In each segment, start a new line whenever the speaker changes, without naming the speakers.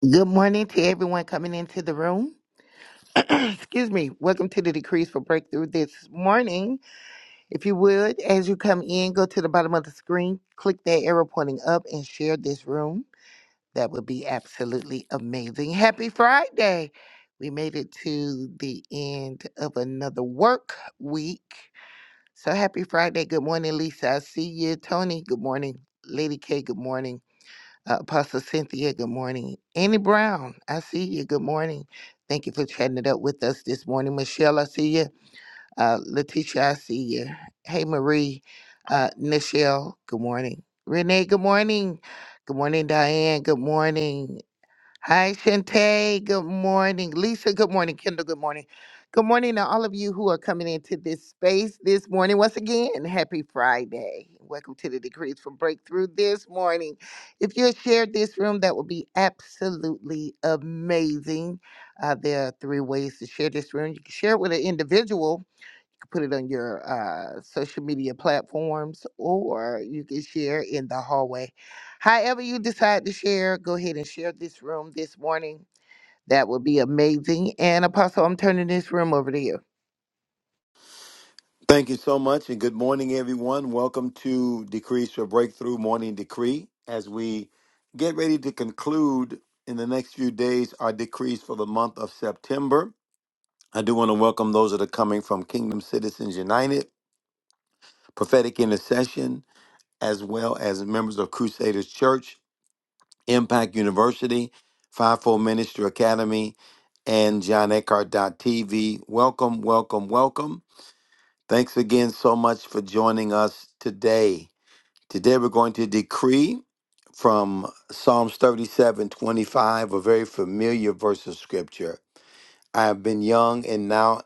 Good morning to everyone coming into the room. Excuse me. Welcome to the Decrees for Breakthrough this morning. If you would, as you come in, go to the bottom of the screen, click that arrow pointing up, and share this room. That would be absolutely amazing. Happy Friday. We made it to the end of another work week. So happy Friday. Good morning, Lisa. I see you. Tony, good morning. Lady K, good morning. Uh, Apostle Cynthia, good morning. Annie Brown, I see you. Good morning. Thank you for chatting it up with us this morning. Michelle, I see you. Uh, Letitia, I see you. Hey, Marie. Uh, Nichelle, good morning. Renee, good morning. Good morning, Diane. Good morning. Hi, Shante. Good morning. Lisa, good morning. Kendall, good morning. Good morning to all of you who are coming into this space this morning. Once again, happy Friday. Welcome to the Decrees for Breakthrough this morning. If you shared this room, that would be absolutely amazing. Uh, there are three ways to share this room. You can share it with an individual put it on your uh, social media platforms or you can share in the hallway. However, you decide to share, go ahead and share this room this morning. That would be amazing. And Apostle, I'm turning this room over to you.
Thank you so much, and good morning, everyone. Welcome to Decrees for Breakthrough Morning Decree. As we get ready to conclude in the next few days our decrees for the month of September, I do want to welcome those that are coming from Kingdom Citizens United, Prophetic Intercession, as well as members of Crusaders Church, Impact University, Fivefold Ministry Academy, and John TV. Welcome, welcome, welcome. Thanks again so much for joining us today. Today we're going to decree from Psalms 37 25 a very familiar verse of scripture. I have been young and now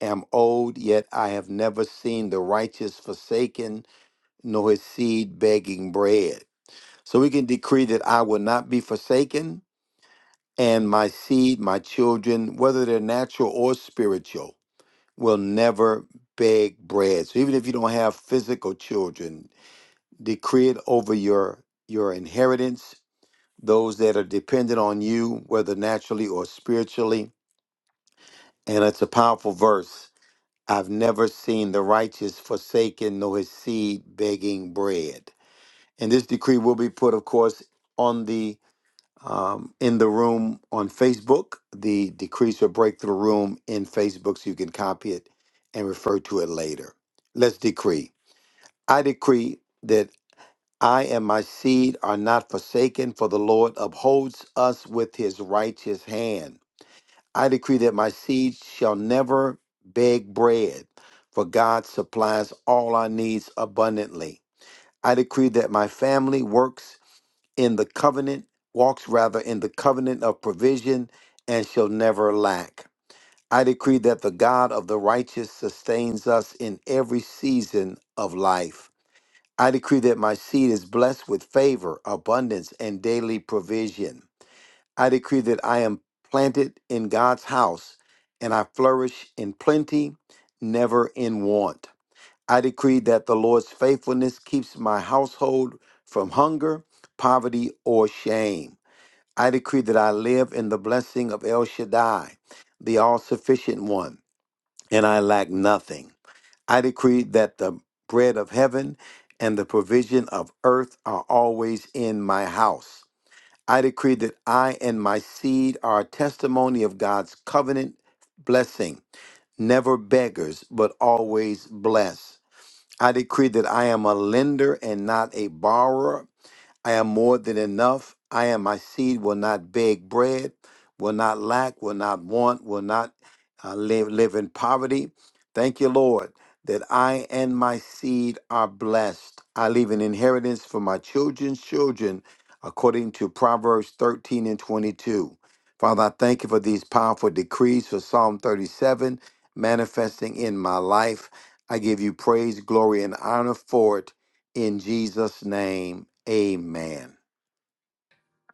am old, yet I have never seen the righteous forsaken, nor his seed begging bread. So we can decree that I will not be forsaken, and my seed, my children, whether they're natural or spiritual, will never beg bread. So even if you don't have physical children, decree it over your your inheritance those that are dependent on you whether naturally or spiritually and it's a powerful verse i've never seen the righteous forsaken nor his seed begging bread and this decree will be put of course on the um, in the room on facebook the decrees or breakthrough room in facebook so you can copy it and refer to it later let's decree i decree that I and my seed are not forsaken, for the Lord upholds us with his righteous hand. I decree that my seed shall never beg bread, for God supplies all our needs abundantly. I decree that my family works in the covenant, walks rather in the covenant of provision, and shall never lack. I decree that the God of the righteous sustains us in every season of life. I decree that my seed is blessed with favor, abundance, and daily provision. I decree that I am planted in God's house and I flourish in plenty, never in want. I decree that the Lord's faithfulness keeps my household from hunger, poverty, or shame. I decree that I live in the blessing of El Shaddai, the all sufficient one, and I lack nothing. I decree that the bread of heaven and the provision of earth are always in my house. I decree that I and my seed are a testimony of God's covenant blessing, never beggars, but always blessed. I decree that I am a lender and not a borrower, I am more than enough. I am my seed, will not beg bread, will not lack, will not want, will not uh, live, live in poverty. Thank you, Lord, that I and my seed are blessed. I leave an inheritance for my children's children, according to Proverbs 13 and 22. Father, I thank you for these powerful decrees for Psalm 37 manifesting in my life. I give you praise, glory, and honor for it. In Jesus' name, amen.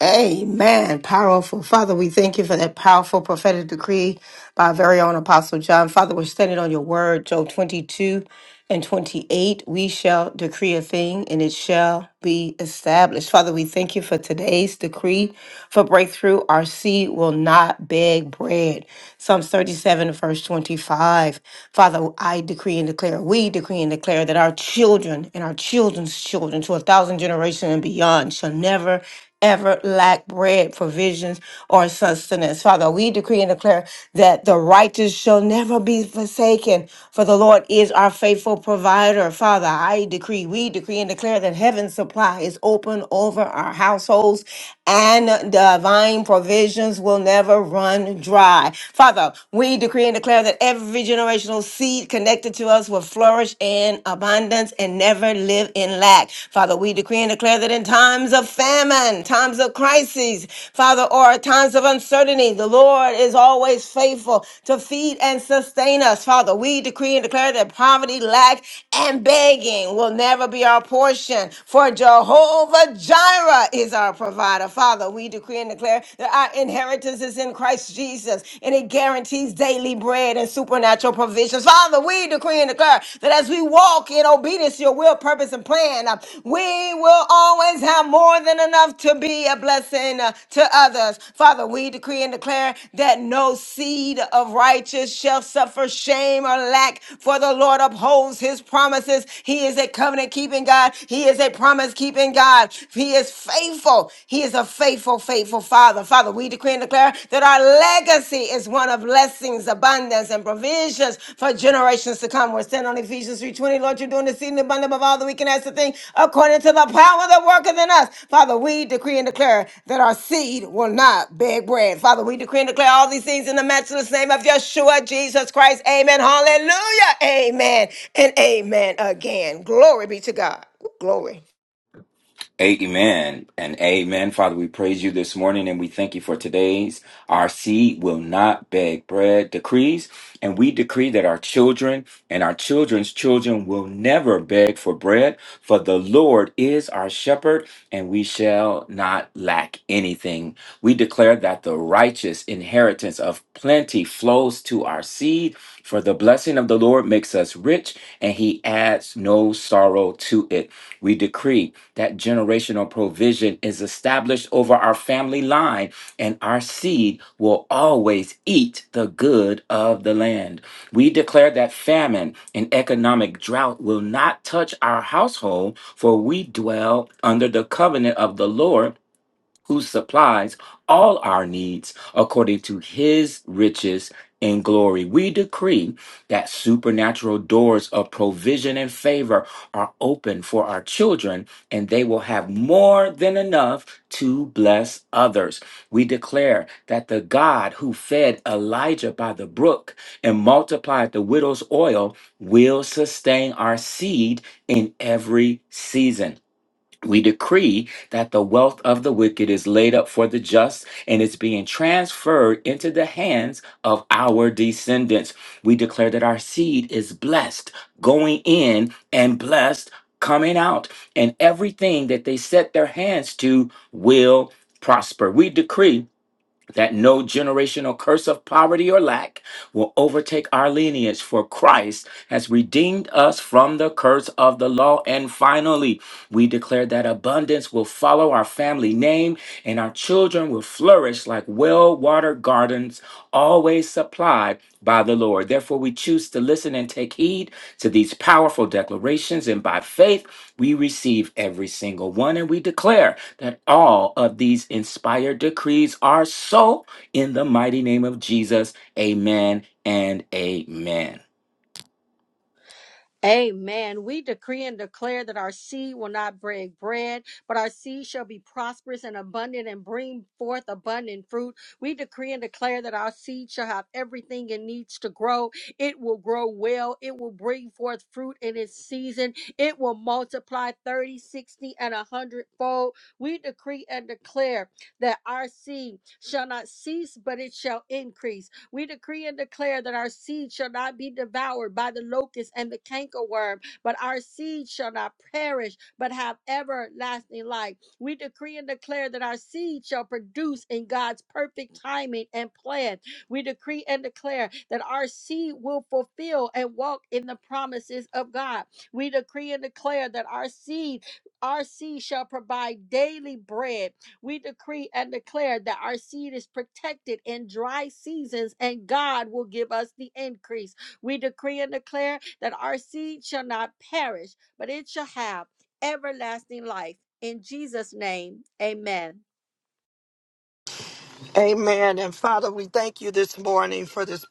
Amen. Powerful. Father, we thank you for that powerful prophetic decree by our very own Apostle John. Father, we're standing on your word, Job 22 and 28. We shall decree a thing and it shall be established. Father, we thank you for today's decree for breakthrough. Our seed will not beg bread. Psalms 37, verse 25. Father, I decree and declare, we decree and declare that our children and our children's children to a thousand generations and beyond shall never ever lack bread, provisions, or sustenance. Father, we decree and declare that the righteous shall never be forsaken, for the Lord is our faithful provider. Father, I decree, we decree and declare that heaven's supply is open over our households and divine provisions will never run dry. Father, we decree and declare that every generational seed connected to us will flourish in abundance and never live in lack. Father, we decree and declare that in times of famine, times of crises, Father, or times of uncertainty, the Lord is always faithful to feed and sustain us. Father, we decree and declare that poverty, lack, and begging will never be our portion, for Jehovah Jireh is our provider. Father, we decree and declare that our inheritance is in Christ Jesus, and it guarantees daily bread and supernatural provisions. Father, we decree and declare that as we walk in obedience to your will, purpose, and plan, uh, we will always have more than enough to be a blessing uh, to others. Father, we decree and declare that no seed of righteous shall suffer shame or lack, for the Lord upholds his promises. He is a covenant keeping God, He is a promise keeping God. He is faithful. He is a faithful, faithful Father. Father, we decree and declare that our legacy is one of blessings abundant and provisions for generations to come. We're standing on Ephesians 3.20. Lord, you're doing this seed in abundance above all that we can ask to think according to the power that worketh in us. Father, we decree and declare that our seed will not beg bread. Father, we decree and declare all these things in the matchless name of Yeshua, Jesus Christ. Amen. Hallelujah. Amen. And amen again. Glory be to God. Glory.
Amen and amen. Father, we praise you this morning and we thank you for today's. Our seed will not beg bread decrees. And we decree that our children and our children's children will never beg for bread, for the Lord is our shepherd and we shall not lack anything. We declare that the righteous inheritance of plenty flows to our seed, for the blessing of the Lord makes us rich and he adds no sorrow to it. We decree that generational provision is established over our family line, and our seed will always eat the good of the land. We declare that famine and economic drought will not touch our household, for we dwell under the covenant of the Lord who supplies all our needs according to his riches in glory. We decree that supernatural doors of provision and favor are open for our children, and they will have more than enough to bless others. We declare that the God who fed Elijah by the brook and multiplied the widow's oil will sustain our seed in every season. We decree that the wealth of the wicked is laid up for the just and it's being transferred into the hands of our descendants. We declare that our seed is blessed going in and blessed coming out, and everything that they set their hands to will prosper. We decree that no generational curse of poverty or lack will overtake our lineage, for Christ has redeemed us from the curse of the law. And finally, we declare that abundance will follow our family name, and our children will flourish like well watered gardens, always supplied by the Lord. Therefore, we choose to listen and take heed to these powerful declarations, and by faith, we receive every single one, and we declare that all of these inspired decrees are so in the mighty name of Jesus. Amen and amen.
Amen. We decree and declare that our seed will not break bread, but our seed shall be prosperous and abundant and bring forth abundant fruit. We decree and declare that our seed shall have everything it needs to grow. It will grow well. It will bring forth fruit in its season. It will multiply 30, 60, and a hundredfold. We decree and declare that our seed shall not cease, but it shall increase we decree and declare that our seed shall not be devoured by the locust and the cankerworm, but our seed shall not perish, but have everlasting life. We decree and declare that our seed shall produce in God's perfect timing and plan. We decree and declare that our seed will fulfill and walk in the promises of God. We decree and declare that our seed, our seed shall provide daily bread we decree and declare that our seed is protected in dry seasons and God will give us the increase. We decree and declare that our seed shall not perish, but it shall have everlasting life. In Jesus' name, amen.
Amen. And Father, we thank you this morning for this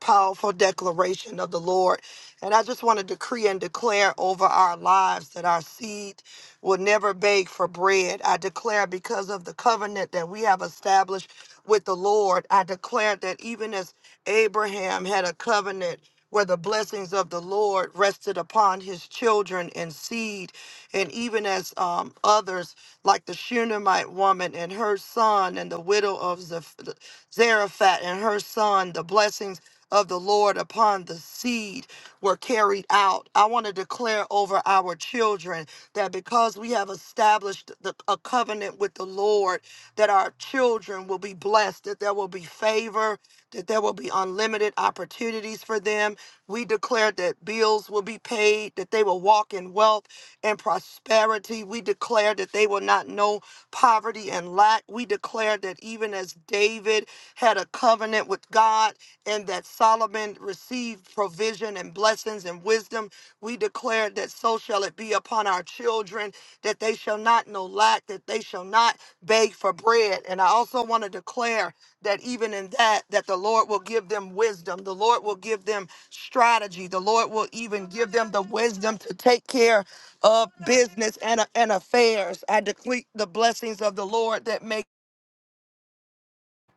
powerful declaration of the Lord. And I just want to decree and declare over our lives that our seed will never beg for bread. I declare because of the covenant that we have established with the Lord, I declare that even as Abraham had a covenant where the blessings of the Lord rested upon his children and seed. And even as um, others, like the Shunammite woman and her son, and the widow of Zaph- Zarephath and her son, the blessings of the Lord upon the seed were carried out. I want to declare over our children that because we have established the, a covenant with the Lord, that our children will be blessed, that there will be favor, that there will be unlimited opportunities for them. We declare that bills will be paid, that they will walk in wealth, and prosperity. We declare that they will not know poverty and lack. We declare that even as David had a covenant with God and that Solomon received provision and blessings and wisdom, we declare that so shall it be upon our children, that they shall not know lack, that they shall not beg for bread. And I also want to declare that even in that, that the Lord will give them wisdom. The Lord will give them strategy. The Lord will even give them the wisdom to take care of business and, and affairs. I decree the blessings of the Lord that make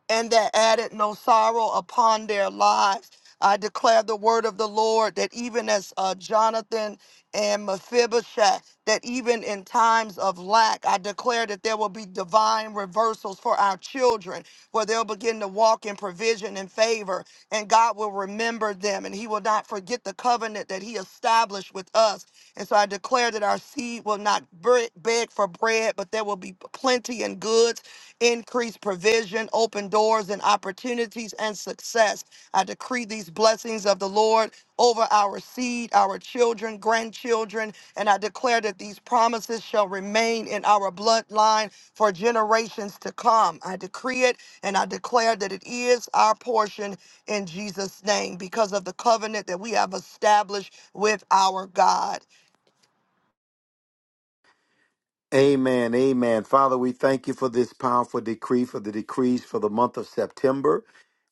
and that added no sorrow upon their lives. I declare the word of the Lord that even as uh, Jonathan and Mephibosheth, that even in times of lack, I declare that there will be divine reversals for our children, where they'll begin to walk in provision and favor, and God will remember them, and He will not forget the covenant that He established with us and so I declare that our seed will not bre- beg for bread, but there will be plenty and goods, increased provision, open doors and opportunities and success. I decree these blessings of the Lord over our seed, our children, grandchildren, and I declare that these promises shall remain in our bloodline for generations to come. I decree it and I declare that it is our portion in Jesus' name because of the covenant that we have established with our God.
Amen. Amen. Father, we thank you for this powerful decree, for the decrees for the month of September.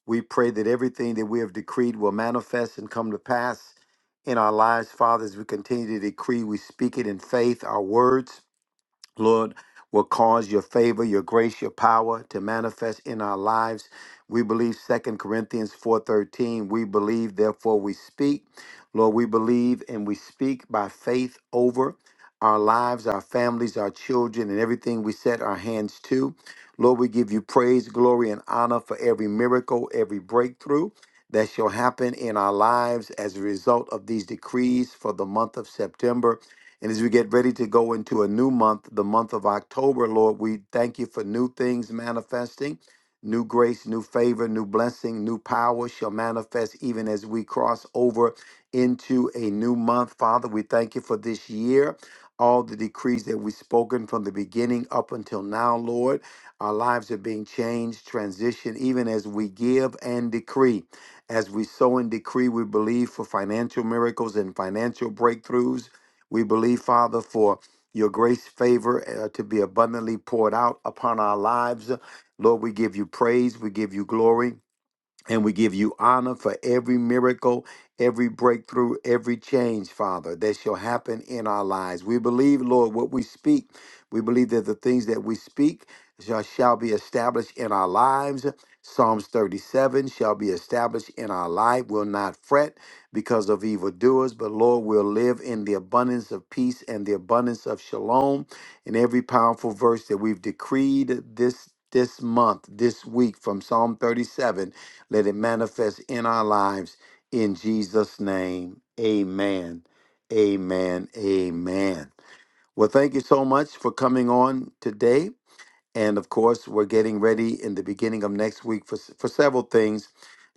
We pray that everything that we have decreed will manifest and come to pass in our lives, Father, as we continue to decree. We speak it in faith, our words. Lord, will cause your favor, your grace, your power to manifest in our lives. We believe Second Corinthians 4:13, we believe therefore we speak. Lord, we believe and we speak by faith over our lives, our families, our children, and everything we set our hands to. Lord, we give you praise, glory, and honor for every miracle, every breakthrough that shall happen in our lives as a result of these decrees for the month of September. And as we get ready to go into a new month, the month of October, Lord, we thank you for new things manifesting, new grace, new favor, new blessing, new power shall manifest even as we cross over into a new month. Father, we thank you for this year. All the decrees that we've spoken from the beginning up until now, Lord, our lives are being changed, transitioned, even as we give and decree. As we sow and decree, we believe for financial miracles and financial breakthroughs. We believe, Father, for your grace, favor uh, to be abundantly poured out upon our lives. Lord, we give you praise, we give you glory. And we give you honor for every miracle, every breakthrough, every change, Father, that shall happen in our lives. We believe, Lord, what we speak. We believe that the things that we speak shall, shall be established in our lives. Psalms 37 shall be established in our life. We'll not fret because of evildoers, but Lord, we'll live in the abundance of peace and the abundance of shalom. And every powerful verse that we've decreed this this month, this week from Psalm 37 let it manifest in our lives in Jesus' name. Amen. Amen. Amen. Well, thank you so much for coming on today. And of course, we're getting ready in the beginning of next week for, s- for several things.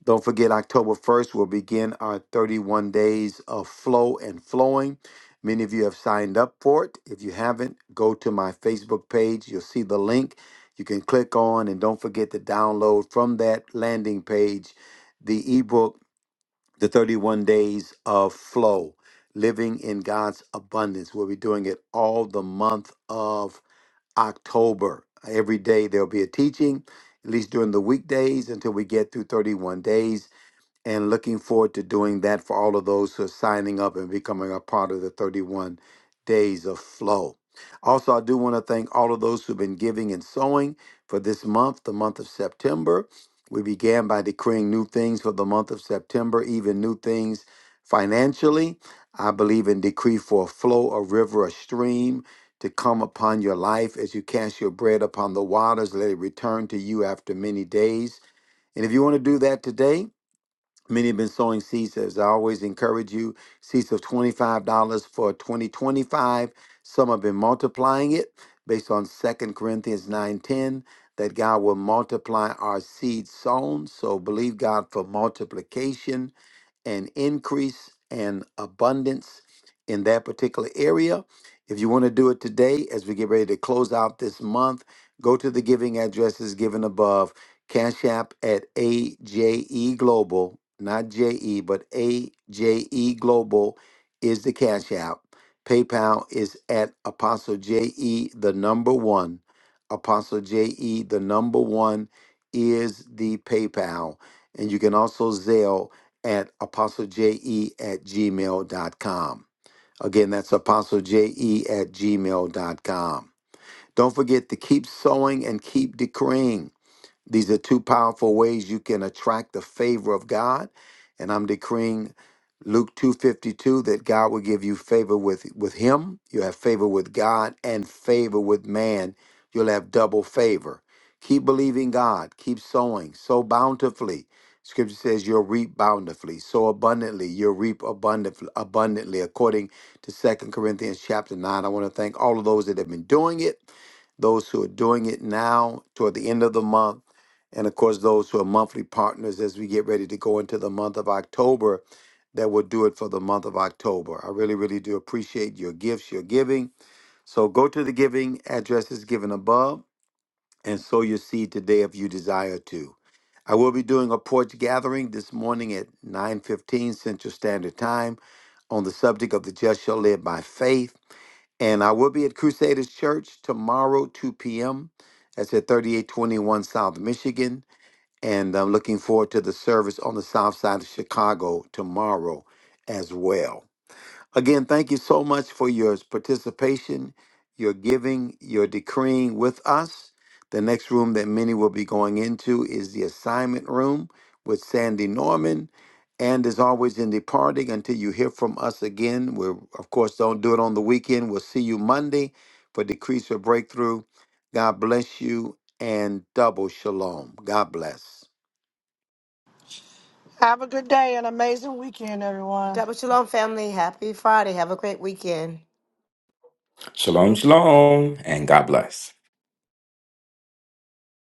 Don't forget, October 1st, we'll begin our 31 days of flow and flowing. Many of you have signed up for it. If you haven't, go to my Facebook page. You'll see the link. You can click on, and don't forget to download from that landing page the ebook, The 31 Days of Flow Living in God's Abundance. We'll be doing it all the month of October. Every day there'll be a teaching, at least during the weekdays until we get through 31 days and looking forward to doing that for all of those who are signing up and becoming a part of the 31 days of flow. Also, I do want to thank all of those who've been giving and sowing for this month, the month of September. We began by decreeing new things for the month of September, even new things financially. I believe in decree for a flow, a river, a stream to come upon your life as you cast your bread upon the waters. Let it return to you after many days. And if you want to do that today, Many have been sowing seeds. As I always encourage you, seeds of $25 for 2025. Some have been multiplying it based on Second Corinthians 9.10, that God will multiply our seed sown. So believe God for multiplication and increase and abundance in that particular area. If you want to do it today, as we get ready to close out this month, go to the giving addresses given above Cash App at AJE Global, not JE, but AJE Global is the Cash App. PayPal is at Apostle JE, the number one. Apostle JE, the number one is the PayPal. And you can also Zelle at Apostle J E at Gmail dot com. Again, that's Apostle J E at Gmail dot com. Don't forget to keep sowing and keep decreeing. These are two powerful ways you can attract the favor of God. And I'm decreeing Luke 2:52 that God will give you favor with with him, you have favor with God and favor with man. You'll have double favor. Keep believing God, keep sowing, sow bountifully. Scripture says you'll reap bountifully, sow abundantly, you'll reap abundantly, abundantly according to Second Corinthians chapter 9. I want to thank all of those that have been doing it those who are doing it now toward the end of the month and of course those who are monthly partners as we get ready to go into the month of october that will do it for the month of october i really really do appreciate your gifts your giving so go to the giving addresses given above and sow your seed today if you desire to i will be doing a porch gathering this morning at 9.15 central standard time on the subject of the just shall live by faith and i will be at crusaders church tomorrow 2 p.m that's at 3821 south michigan and I'm looking forward to the service on the south side of Chicago tomorrow as well. Again, thank you so much for your participation, your giving, your decreeing with us. The next room that many will be going into is the assignment room with Sandy Norman. And as always, in departing, until you hear from us again, we of course don't do it on the weekend. We'll see you Monday for Decrease or Breakthrough. God bless you and double shalom. God bless.
Have a good day and amazing weekend, everyone.
Double Shalom family. Happy Friday. Have a great weekend.
Shalom, shalom, and God bless.